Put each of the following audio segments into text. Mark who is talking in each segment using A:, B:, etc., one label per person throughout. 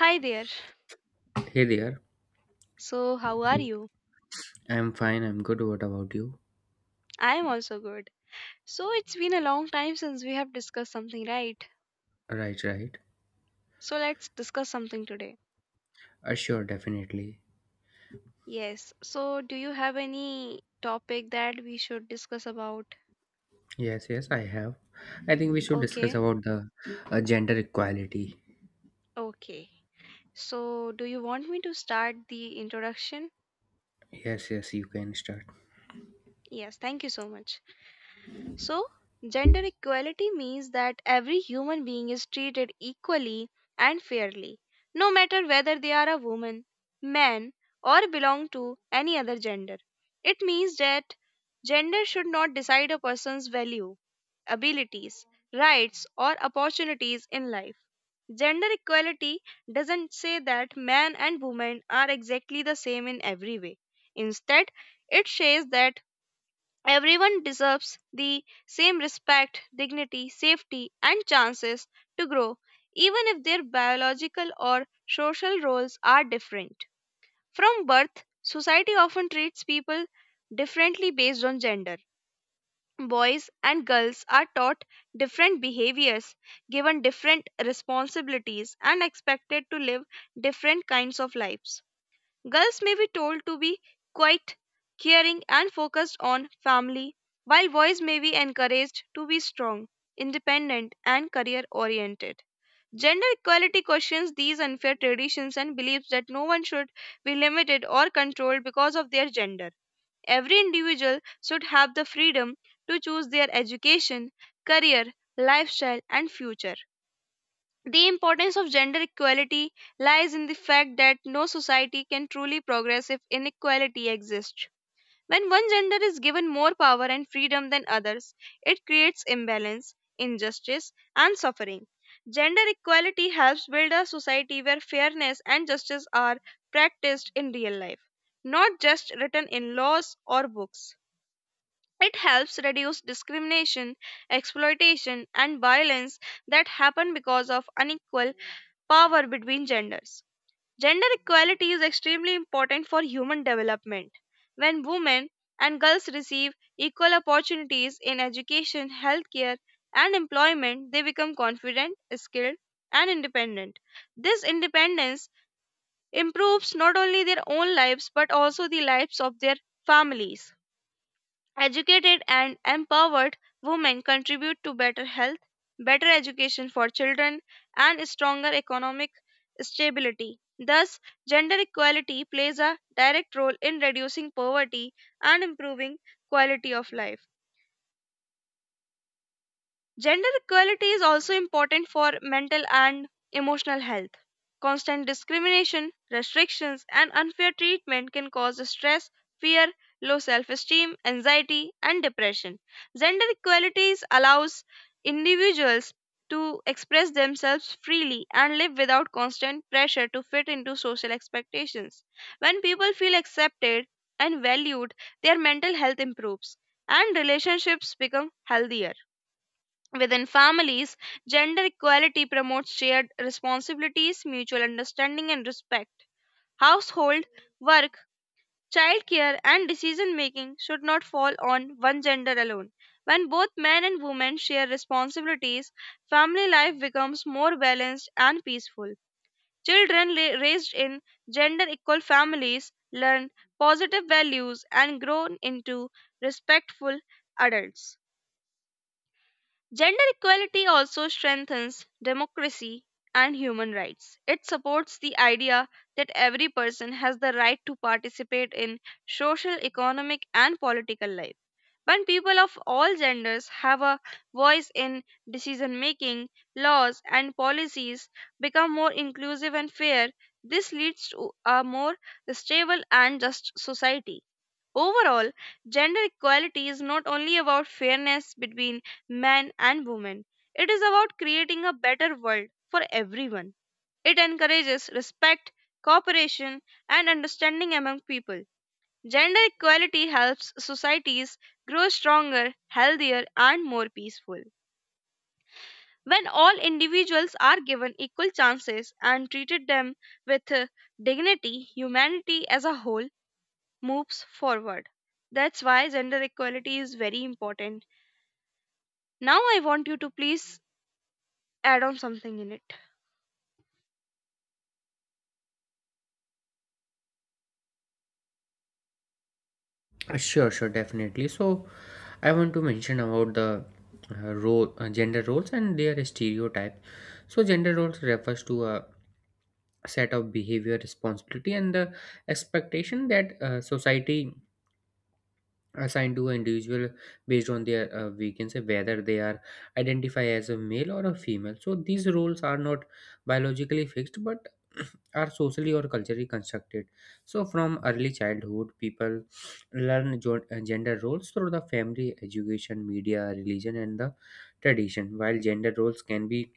A: Hi there.
B: Hey there.
A: So, how are you?
B: I'm fine. I'm good. What about you?
A: I am also good. So, it's been a long time since we have discussed something, right?
B: Right, right.
A: So, let's discuss something today.
B: Sure, definitely.
A: Yes. So, do you have any topic that we should discuss about?
B: Yes, yes, I have. I think we should discuss
A: Okay.
B: about the gender equality.
A: Okay. So, do you want me to start the introduction?
B: Yes, yes, you can start.
A: Yes. Thank you so much. So, gender equality means that every human being is treated equally and fairly, no matter whether they are a woman, man, or belong to any other gender. It means that gender should not decide a person's value, abilities, rights, or opportunities in life. Gender equality doesn't say that man and woman are exactly the same in every way. Instead, it says that everyone deserves the same respect, dignity, safety, and chances to grow, even if their biological or social roles are different. From birth, society often treats people differently based on gender. Boys and girls are taught different behaviors, given different responsibilities, and expected to live different kinds of lives. Girls may be told to be quiet, caring, and focused on family, while boys may be encouraged to be strong, independent, and career oriented. Gender equality questions these unfair traditions and believes that no one should be limited or controlled because of their gender. Every individual should have the freedom to choose their education, career, lifestyle, and future. The importance of gender equality lies in the fact that no society can truly progress if inequality exists. When one gender is given more power and freedom than others, it creates imbalance, injustice, and suffering. Gender equality helps build a society where fairness and justice are practiced in real life, not just written in laws or books. It helps reduce discrimination, exploitation, and violence that happen because of unequal power between genders. Gender equality is extremely important for human development. When women and girls receive equal opportunities in education, healthcare, and employment, they become confident, skilled, and independent. This independence improves not only their own lives but also the lives of their families. Educated and empowered women contribute to better health, better education for children, and stronger economic stability. Thus, gender equality plays a direct role in reducing poverty and improving quality of life. Gender equality is also important for mental and emotional health. Constant discrimination, restrictions, and unfair treatment can cause stress, fear, low self esteem, anxiety, and depression. Gender equality allows individuals to express themselves freely and live without constant pressure to fit into social expectations. When people feel accepted and valued, their mental health improves and relationships become healthier. Within families, gender equality promotes shared responsibilities, mutual understanding, and respect. Household, work, childcare, and decision making should not fall on one gender alone. When both men and women share responsibilities, family life becomes more balanced and peaceful. Children raised in gender equal families learn positive values and grow into respectful adults. Gender equality also strengthens democracy and human rights. It supports the idea that every person has the right to participate in social, economic, and political life. When people of all genders have a voice in decision making, laws and policies become more inclusive and fair. This leads to a more stable and just society. Overall, gender equality is not only about fairness between men and women, it is about creating a better world for everyone. It encourages respect, cooperation, and understanding among people. Gender equality helps societies grow stronger, healthier, and more peaceful. When all individuals are given equal chances and treated them with dignity, humanity as a whole moves forward. That's why gender equality is very important. Now, I want you to please add on something in it.
B: Sure, sure, definitely. So, I want to mention about the gender roles and their stereotypes. So, gender roles refers to a set of behavior, responsibility, and the expectation that society assigned to an individual based on their we can say whether they are identify as a male or a female. So these roles are not biologically fixed but are socially or culturally constructed. So from early childhood people learn gender roles through the family, education, media, religion, and the tradition. While gender roles can be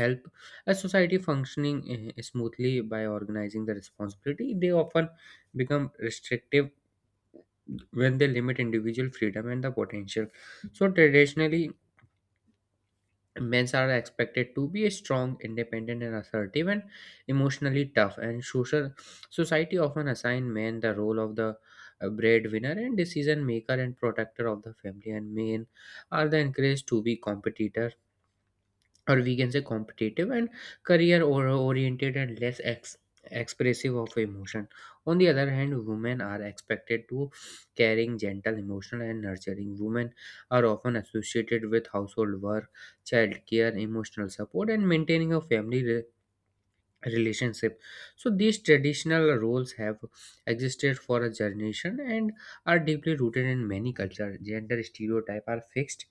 B: help a society functioning smoothly by organizing the responsibility, they often become restrictive when they limit individual freedom and the potential. So traditionally, men are expected to be strong, independent, and assertive, and emotionally tough. And social society often assign men the role of the breadwinner and decision maker and protector of the family. And men are the encouraged to be competitor, or we can say competitive and career or oriented, and less expressive of emotion. On the other hand, women are expected to caring, gentle, emotional, and nurturing. Women are often associated with household work, child care, emotional support, and maintaining a family relationship. So these traditional roles have existed for a generation and are deeply rooted in many cultures. Gender stereotype are fixed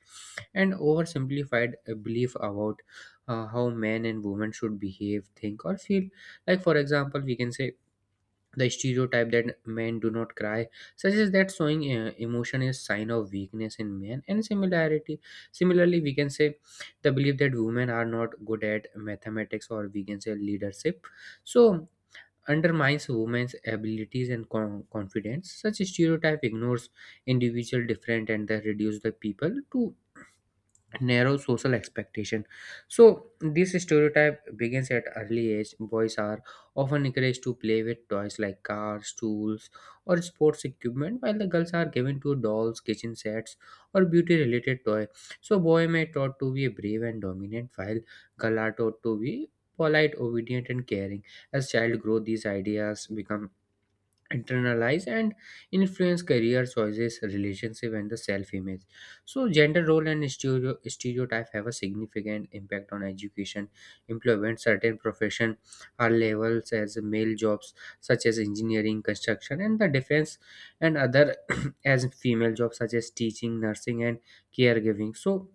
B: and oversimplified belief about how men and women should behave, think, or feel. Like, for example, we can say the stereotype that men do not cry suggests that showing emotion is sign of weakness in men. And similarity similarly we can say the belief that women are not good at mathematics, or we can say leadership, so undermines women's abilities and confidence. Such stereotype ignores individual different, and they reduce the people to narrow social expectation. So this stereotype begins at early age. Boys are often encouraged to play with toys like cars, tools, or sports equipment, while the girls are given to dolls, kitchen sets, or beauty related toy. So boy may taught to be brave and dominant, while girl are taught to be polite, obedient, and caring. As child grow, these ideas become internalize and influence career choices, relationship, and the self-image. So gender role and stereotype have a significant impact on education, employment. Certain profession are labeled as male jobs, such as engineering, construction, and the defense, and other as female jobs such as teaching, nursing, and caregiving. So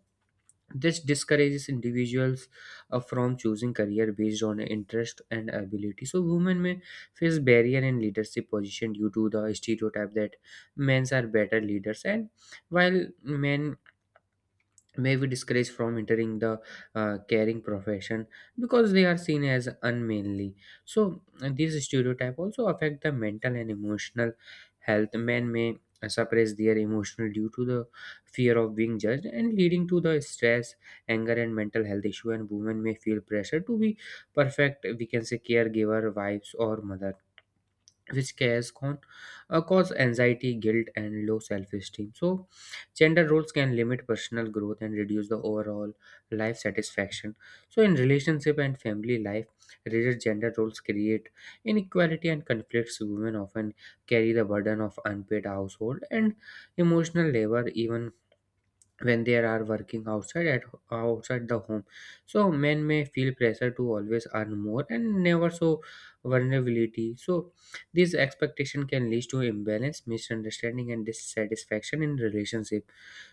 B: this discourages individuals from choosing career based on interest and ability. So women may face barrier in leadership position due to the stereotype that men are better leaders. And while men may be discouraged from entering the caring profession because they are seen as unmanly. So these stereotype also affect the mental and emotional health. Men may suppress their emotional due to the fear of being judged and leading to the stress, anger, and mental health issue. And women may feel pressure to be perfect, we can say caregiver, wives, or mother, which cares con cause anxiety, guilt, and low self-esteem. So gender roles can limit personal growth and reduce the overall life satisfaction. So in relationship and family life, rigid gender roles create inequality and conflicts. Women often carry the burden of unpaid household and emotional labor, even when they are working outside the home. So men may feel pressure to always earn more and never show vulnerability. So this expectation can lead to imbalance, misunderstanding, and dissatisfaction in relationship.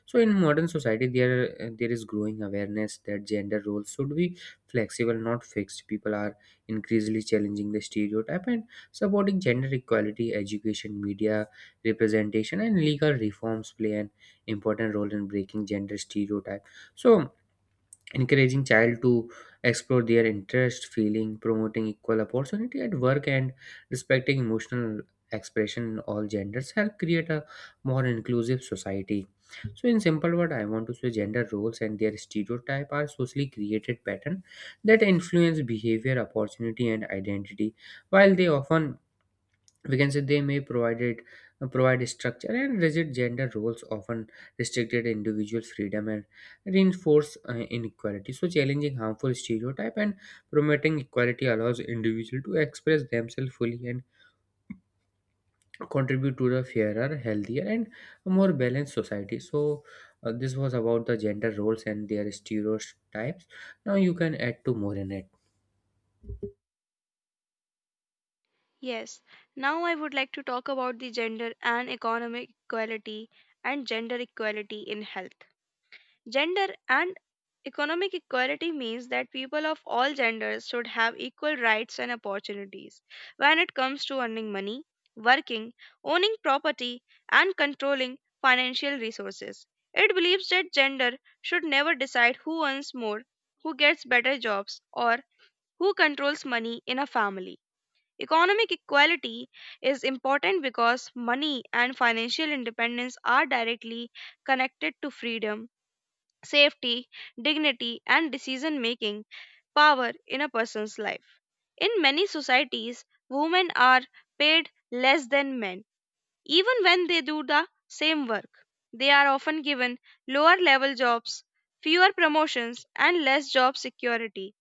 B: So in modern society, there is growing awareness that gender roles should be flexible, not fixed. People are increasingly challenging the stereotype and supporting gender equality. Education, media representation, and legal reforms play an important role in breaking gender stereotype. So encouraging child to explore their interest, feeling, promoting equal opportunity at work, and respecting emotional expression in all genders help create a more inclusive society. So in simple word, I want to say gender roles and their stereotype are socially created pattern that influence behavior, opportunity, and identity. While they often, we can say, they may provide structure, and rigid gender roles often restricted individual freedom and reinforce inequality. So challenging harmful stereotype and promoting equality allows individual to express themselves fully and contribute to the fairer, healthier, and more balanced society. So this was about the gender roles and their stereotypes. Now you can add to more in it.
A: Yes, now I would like to talk about the gender and economic equality and gender equality in health. Gender and economic equality means that people of all genders should have equal rights and opportunities when it comes to earning money, working, owning property, and controlling financial resources. It believes that gender should never decide who earns more, who gets better jobs, or who controls money in a family. Economic equality is important because money and financial independence are directly connected to freedom safety, dignity, and decision making power in a person's life. In many societies, women are paid less than men, even when they do the same work. They are often given lower level jobs, fewer promotions, and less job security.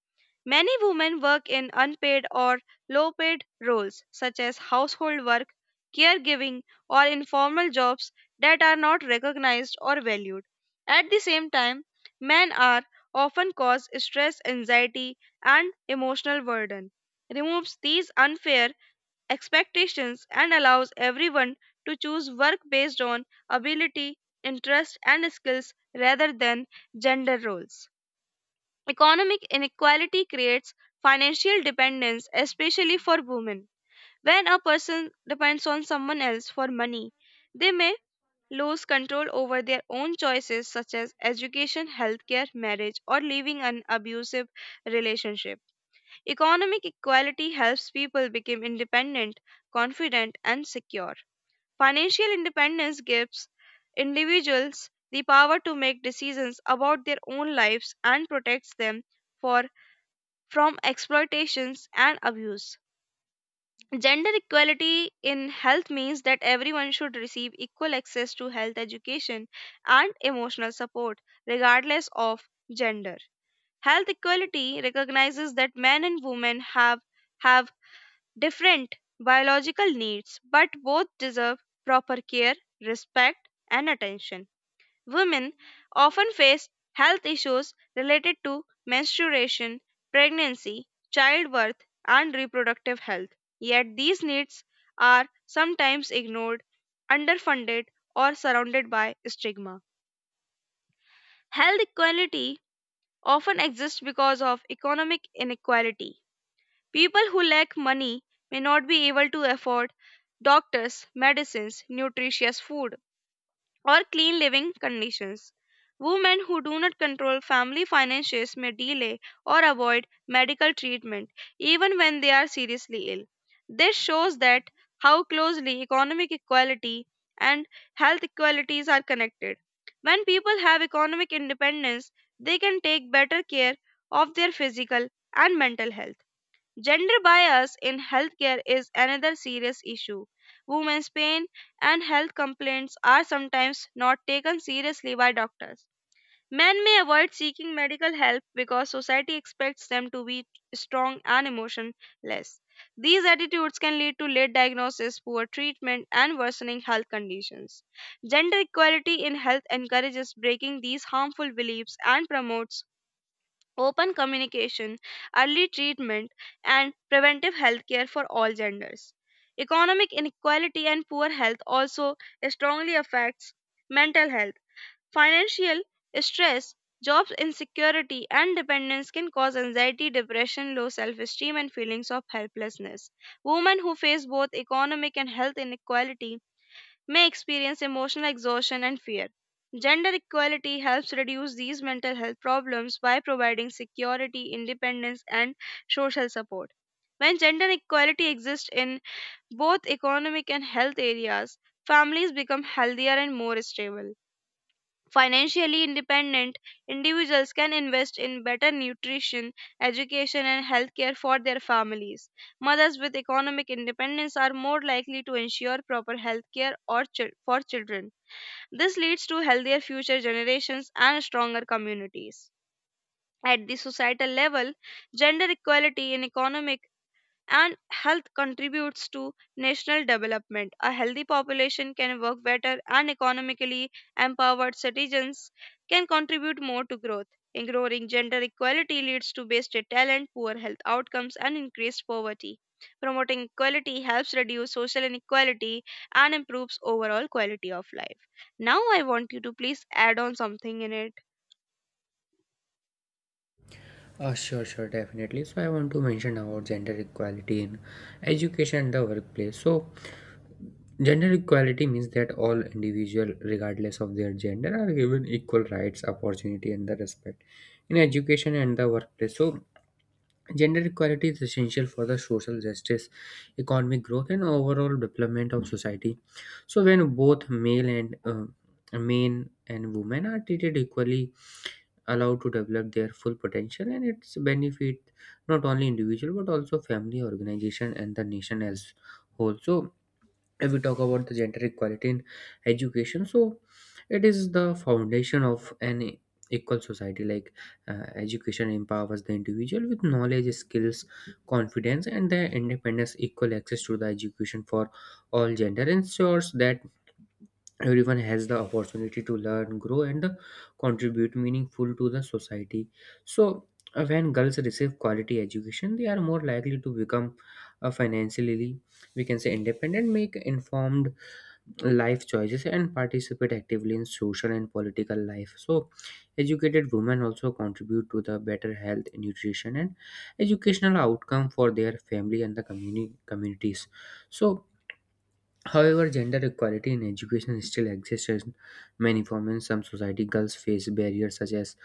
A: Many women work in unpaid or low paid roles, such as household work, caregiving, or informal jobs that are not recognized or valued. At the same time, men are often cause stress, anxiety, and emotional burden. Removes these unfair expectations and allows everyone to choose work based on ability, interest, and skills rather than gender roles. Economic inequality creates financial dependence, especially for women. When a person depends on someone else for money, they may lose control over their own choices, such as education, healthcare, marriage, or leaving an abusive relationship. Economic equality helps people become independent, confident, and secure. Financial independence gives individuals the power to make decisions about their own lives and protects them for from exploitations and abuse. Gender equality in health means that everyone should receive equal access to health education and emotional support, regardless of gender. Health equality recognizes that men and women have different biological needs, but both deserve proper care, respect, and attention. Women often face health issues related to menstruation, pregnancy, childbirth, and reproductive health. Yet these needs are sometimes ignored, underfunded, or surrounded by stigma. Health equality often exists because of economic inequality. People who lack money may not be able to afford doctors, medicines, nutritious food, or clean living conditions. Women who do not control family finances may delay or avoid medical treatment even when they are seriously ill. This shows that how closely economic equality and health equalities are connected. When people have economic independence, they can take better care of their physical and mental health. Gender bias in healthcare is another serious issue. Women's pain and health complaints are sometimes not taken seriously by doctors. Men may avoid seeking medical help because society expects them to be strong and emotionless. These attitudes can lead to late diagnosis, poor treatment, and worsening health conditions. Gender equality in health encourages breaking these harmful beliefs and promotes open communication, early treatment, and preventive healthcare for all genders. Economic inequality and poor health also strongly affects mental health. Financial stress, job insecurity, and dependence can cause anxiety, depression, low self esteem, and feelings of helplessness. Women who face both economic and health inequality may experience emotional exhaustion and fear. Gender equality helps reduce these mental health problems by providing security, independence, and social support. When gender equality exists in both economic and health areas, families become healthier and more stable. Financially independent individuals can invest in better nutrition, education, and healthcare for their families. Mothers with economic independence are more likely to ensure proper healthcare or for children. This leads to healthier future generations and stronger communities. At the societal level, gender equality in economic and health contributes to national development. A healthy population can work better, and economically empowered citizens can contribute more to growth. Ignoring gender equality leads to wasted talent, poor health outcomes, and increased poverty. Promoting equality helps reduce social inequality and improves overall quality of life. Now, I want you to please add on something in it.
B: Sure, sure, definitely. So I want to mention about gender equality in education and the workplace. So gender equality means that all individuals, regardless of their gender, are given equal rights, opportunity, and the respect in education and the workplace. So, gender equality is essential for the social justice, economic growth, and overall development of society. So, when both male and men and women are treated equally, allowed to develop their full potential, and its benefit not only individual but also family, organization, and the nation as whole. So, if we talk about the gender equality in education, so it is the foundation of an equal society. Like education empowers the individual with knowledge, skills, confidence, and their independence. Equal access to the education for all gender ensures that everyone has the opportunity to learn, grow, and contribute meaningful to the society. So when girls receive quality education, they are more likely to become financially, we can say, independent, make informed life choices, and participate actively in social and political life. So educated women also contribute to the better health, nutrition, and educational outcome for their family and the communities. So however, gender equality in education still exists in many forms. In some society, girls face barriers such as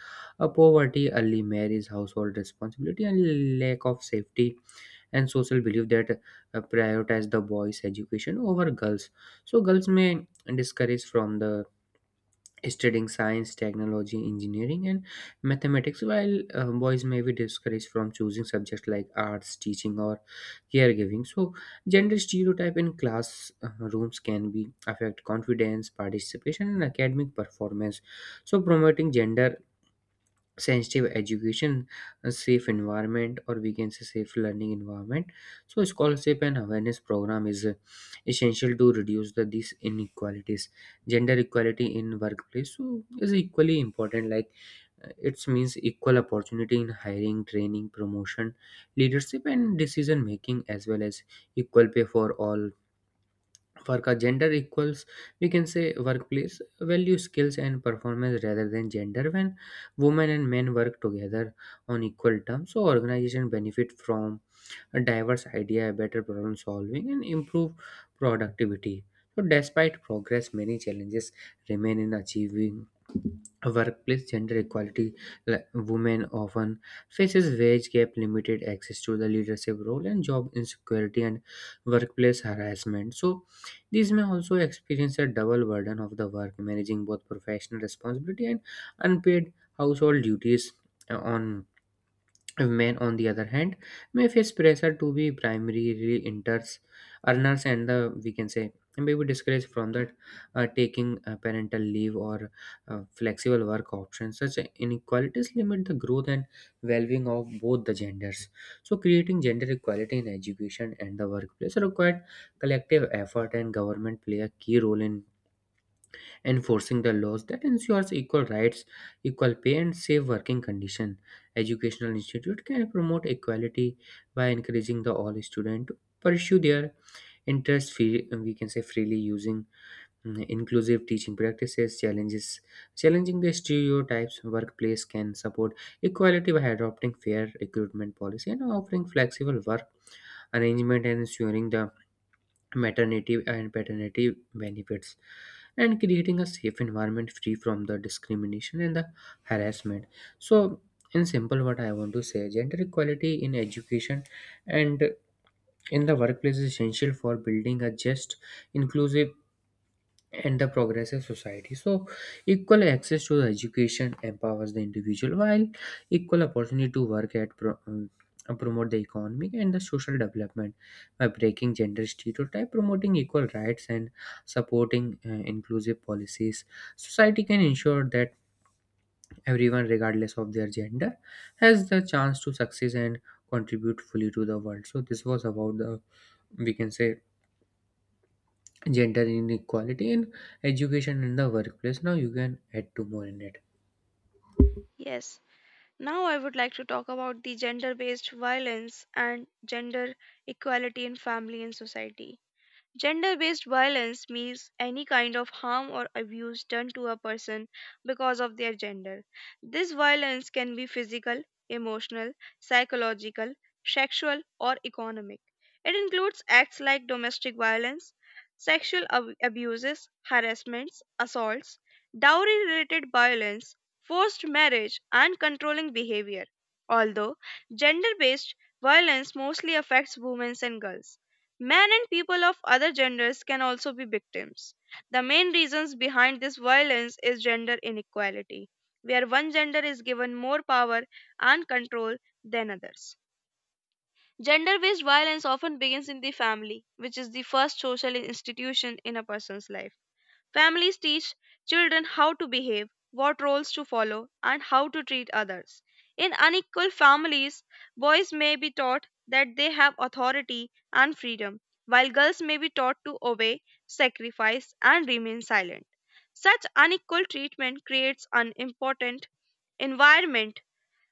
B: a poverty, early marriage, household responsibility, and lack of safety, and social belief that prioritize the boys education over girls. So girls may discourage from the studying science, technology, engineering, and mathematics. While boys may be discouraged from choosing subjects like arts, teaching, or caregiving. So gender stereotype in class rooms can be affect confidence, participation, and academic performance. So promoting gender sensitive education, a safe environment, or we can say safe learning environment. So scholarship and awareness program is essential to reduce these inequalities. Gender equality in workplace so is equally important. Like it means equal opportunity in hiring, training, promotion, leadership, and decision making, as well as equal pay for all work. A gender equals, we can say, workplace value skills and performance rather than gender. When women and men work together on equal terms, so organization benefit from a diverse idea, better problem solving, and improve productivity. So despite progress, many challenges remain in achieving workplace gender equality. Like women often faces wage gap, limited access to the leadership role, and job insecurity, and workplace harassment. So these may also experience a double burden of the work, managing both professional responsibility and unpaid household duties. On Men, on the other hand, may face pressure to be primary earners, and the we can say may be discouraged from that taking parental leave or flexible work options. Such inequalities limit the growth and well-being of both the genders. So, creating gender equality in education and the workplace required collective effort, and government play a key role in enforcing the laws that ensures equal rights, equal pay, and safe working conditions. Educational institute can promote equality by encouraging the all students to pursue their interests we can say freely, using inclusive teaching practices, challenges challenging the stereotypes. Workplace can support equality by adopting fair recruitment policy and offering flexible work arrangement, and ensuring the maternity and paternity benefits, and creating a safe environment free from the discrimination and the harassment. So in simple what I want to say, gender equality in education and in the workplace is essential for building a just, inclusive, and the progressive society. So, equal access to the education empowers the individual, while equal opportunity to work promote the economic and the social development by breaking gender stereotype, promoting equal rights, and supporting inclusive policies. Society can ensure that everyone, regardless of their gender, has the chance to succeed and contribute fully to the world. So, this was about the, we can say, gender inequality in education in the workplace. Now you can add two more in it.
A: Yes. Now, I would like to talk about the gender based violence and gender equality in family and society. Gender based violence means any kind of harm or abuse done to a person because of their gender. This violence can be physical, emotional, psychological, sexual, or economic. It includes acts like domestic violence, sexual abuses, harassments, assaults, dowry related violence, forced marriage, and controlling behavior. Although gender based violence mostly affects women and girls. Men and people of other genders can also be victims. The main reasons behind this violence is gender inequality, where one gender is given more power and control than others. Gender based violence often begins in the family, which is the first social institution in a person's life. Families teach children how to behave, what roles to follow, and how to treat others. In unequal families, boys may be taught that they have authority and freedom, while girls may be taught to obey, sacrifice, and remain silent. Such unequal treatment creates an important environment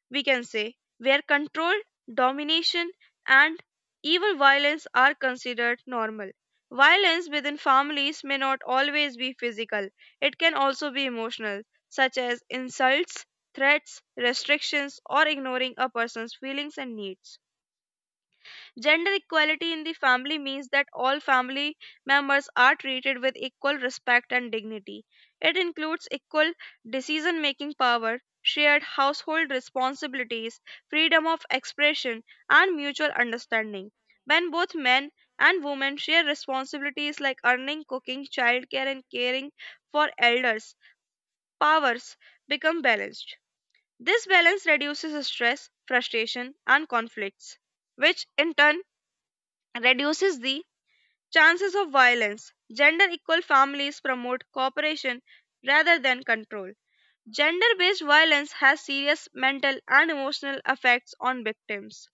A: we can say, where control, domination, and evil violence are considered normal. Violence within families may not always be physical, it can also be emotional, such as insults, threats, restrictions, or ignoring a person's feelings and needs. Gender equality in the family means that all family members are treated with equal respect and dignity. It includes equal decision making power, shared household responsibilities, freedom of expression, and mutual understanding. When both men and women share responsibilities like earning, cooking, childcare, and caring for elders, powers become balanced. This balance reduces stress, frustration, and conflicts, which in turn reduces the chances of violence. Gender equal families promote cooperation rather than control. Gender based violence has serious mental and emotional effects on victims.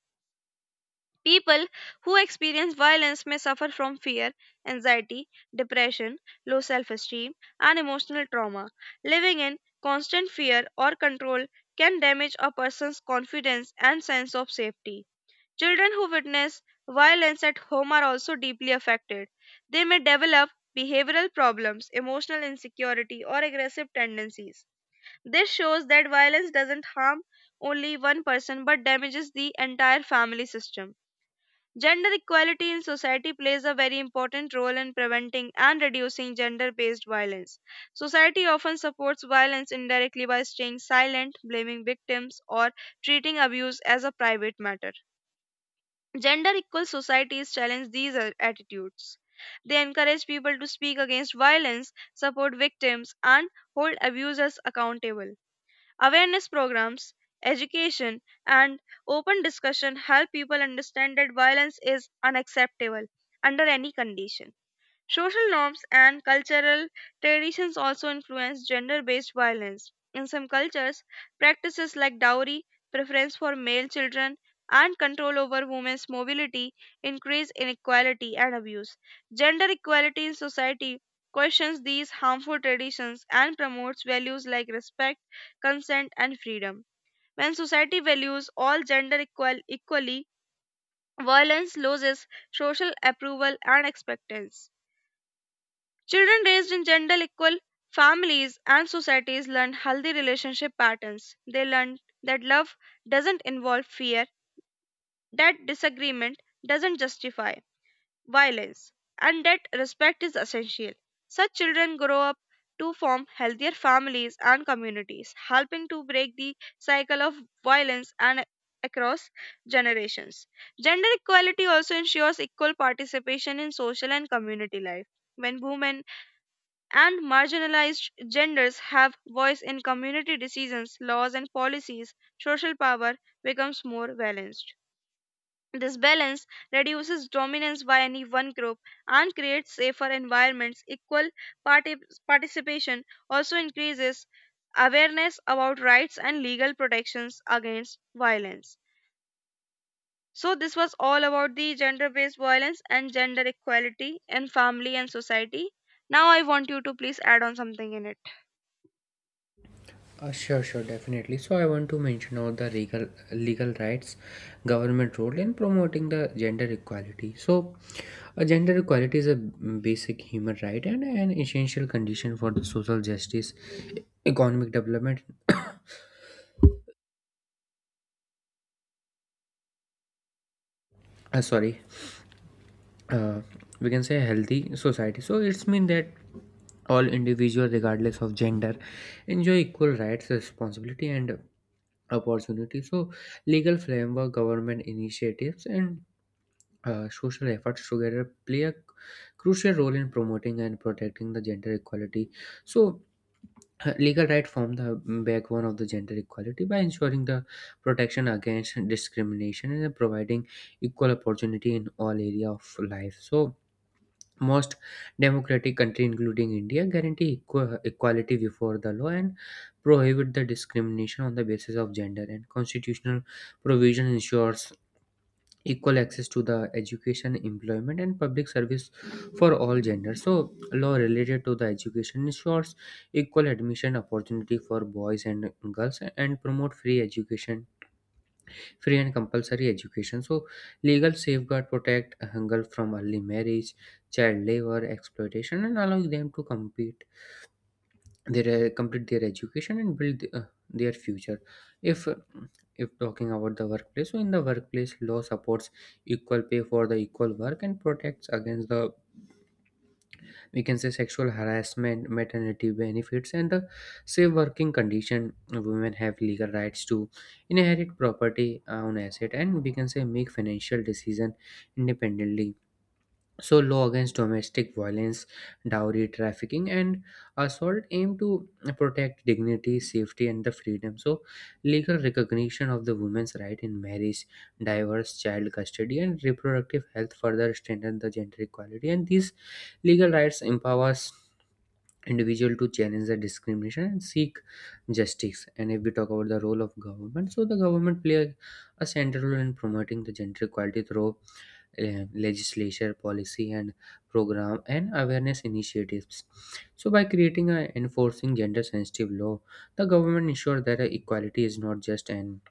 A: People who experience violence may suffer from fear, anxiety, depression, low self esteem, and emotional trauma. Living in constant fear or control can damage a person's confidence and sense of safety. Children who witness violence at home are also deeply affected. They may develop behavioral problems, emotional insecurity, or aggressive tendencies. This shows that violence doesn't harm only one person but damages the entire family system. Gender equality in society plays a very important role in preventing and reducing gender based violence. Society often supports violence indirectly by staying silent, blaming victims, or treating abuse as a private matter. Gender equal societies challenge these attitudes. They encourage people to speak against violence, support victims, and hold abusers accountable. Awareness programs, education, and open discussion help people understand that violence is unacceptable under any condition. Social norms and cultural traditions also influence gender based violence. In some cultures, practices like dowry, preference for male children, and control over women's mobility increase inequality and abuse. Gender equality in society questions these harmful traditions and promotes values like respect, consent, and freedom. When society values all equally, violence loses social approval and acceptance. Children raised in gender equal families and societies learn healthy relationship patterns. They learn that love doesn't involve fear, that disagreement doesn't justify violence, and that respect is essential. Such children grow up to form healthier families and communities, helping to break the cycle of violence and across generations. Gender equality also ensures equal participation in social and community life. When women and marginalized genders have voice in community decisions, laws and policies, social power becomes more balanced. This balance reduces dominance by any one group and creates safer environments. Equal parti- participation also increases awareness about rights and legal protections against violence. So, this was all about the gender based violence and gender equality in family and society. Now, I want you to please add on something in it.
B: Sure, sure, definitely. So I want to mention all the legal legal rights, government role in promoting the gender equality. So gender equality is a basic human right and an essential condition for the social justice, economic development sorry, uh, we can say healthy society. So it's mean that all individuals, regardless of gender, enjoy equal rights, responsibility, and opportunity. So legal framework, government initiatives, and social efforts together play a crucial role in promoting and protecting the gender equality. So legal rights form the backbone of the gender equality by ensuring the protection against discrimination and providing equal opportunity in all area of life. So most democratic country including India guarantee equality before the law and prohibit the discrimination on the basis of gender, and constitutional provision ensures equal access to the education, employment, and public service for all genders. So law related to the education ensures equal admission opportunity for boys and girls and promote free education, free and compulsory education. So legal safeguard protect hunger from early marriage, child labor exploitation, and allowing them to compete their, complete their education and build their future. If if talking about the workplace, so in the workplace law supports equal pay for the equal work and protects against the, we can say, sexual harassment, maternity benefits, and the safe working condition. Women have legal rights to inherit property, own asset, and, we can say, make financial decision independently. So, law against domestic violence, dowry trafficking, and assault aim to protect dignity, safety, and the freedom. So, legal recognition of the women's right in marriage, divorce, child custody, and reproductive health further strengthen the gender equality. And these legal rights empowers individual to challenge the discrimination and seek justice. And if we talk about the role of government, so the government play a central role in promoting the gender equality through legislature, policy, and program and awareness initiatives. So, by creating and enforcing gender-sensitive law, the government ensures that equality is not just an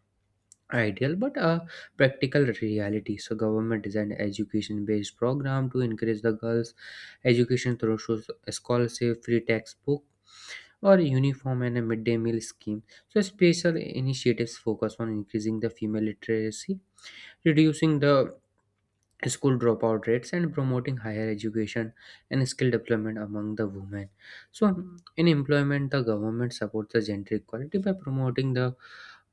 B: ideal but a practical reality. So, government designed education-based program to encourage the girls' education through scholarship, free textbook, or uniform and a midday meal scheme. So, special initiatives focus on increasing the female literacy, reducing the school dropout rates, and promoting higher education and skill development among the women. So in employment the government supports the gender equality by promoting the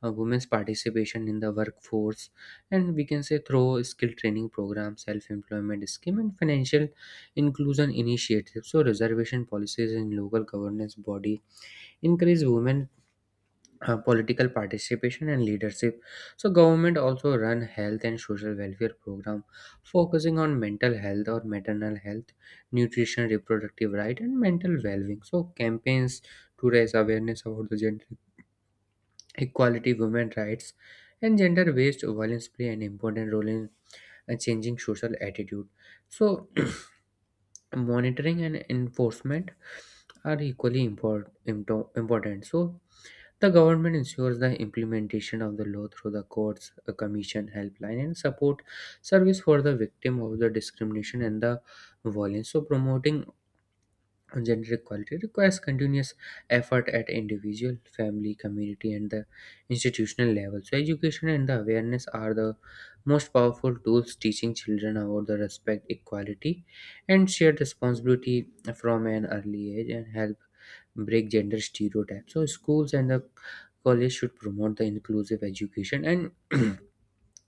B: women's participation in the workforce and, we can say, through skill training programs, self-employment scheme, and financial inclusion initiatives. So reservation policies in local governance body encourage women political participation and leadership. So government also run health and social welfare program focusing on mental health or maternal health, nutrition, reproductive right, and mental well-being. So campaigns to raise awareness about the gender equality, women rights, and gender-based violence play an important role in changing social attitude. So monitoring and enforcement are equally important. So the government ensures the implementation of the law through the courts, a commission, helpline, and support service for the victim of the discrimination and the violence. So, promoting gender equality requires continuous effort at individual, family, community, and the institutional level. So, education and the awareness are the most powerful tools. Teaching children about the respect, equality, and shared responsibility from an early age and help break gender stereotypes. So, schools and the college should promote the inclusive education and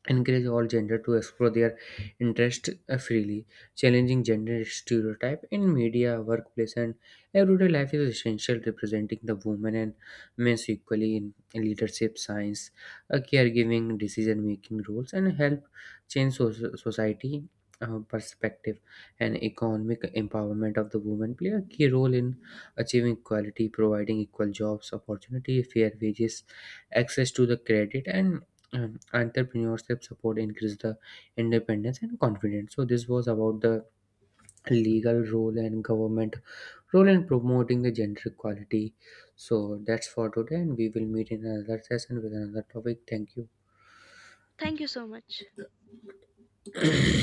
B: encourage all gender to explore their interest freely. Challenging gender stereotype in media, workplace, and everyday life is essential. Representing the women and men equally in leadership, science, caregiving, decision making roles and help change society perspective. And economic empowerment of the women play a key role in achieving equality. Providing equal jobs opportunity, fair wages, access to the credit, and entrepreneurship support increase the independence and confidence. So this was about the legal role and government role in promoting the gender equality. So that's for today, and we will meet in another session with another topic. Thank you.
A: Thank you so much.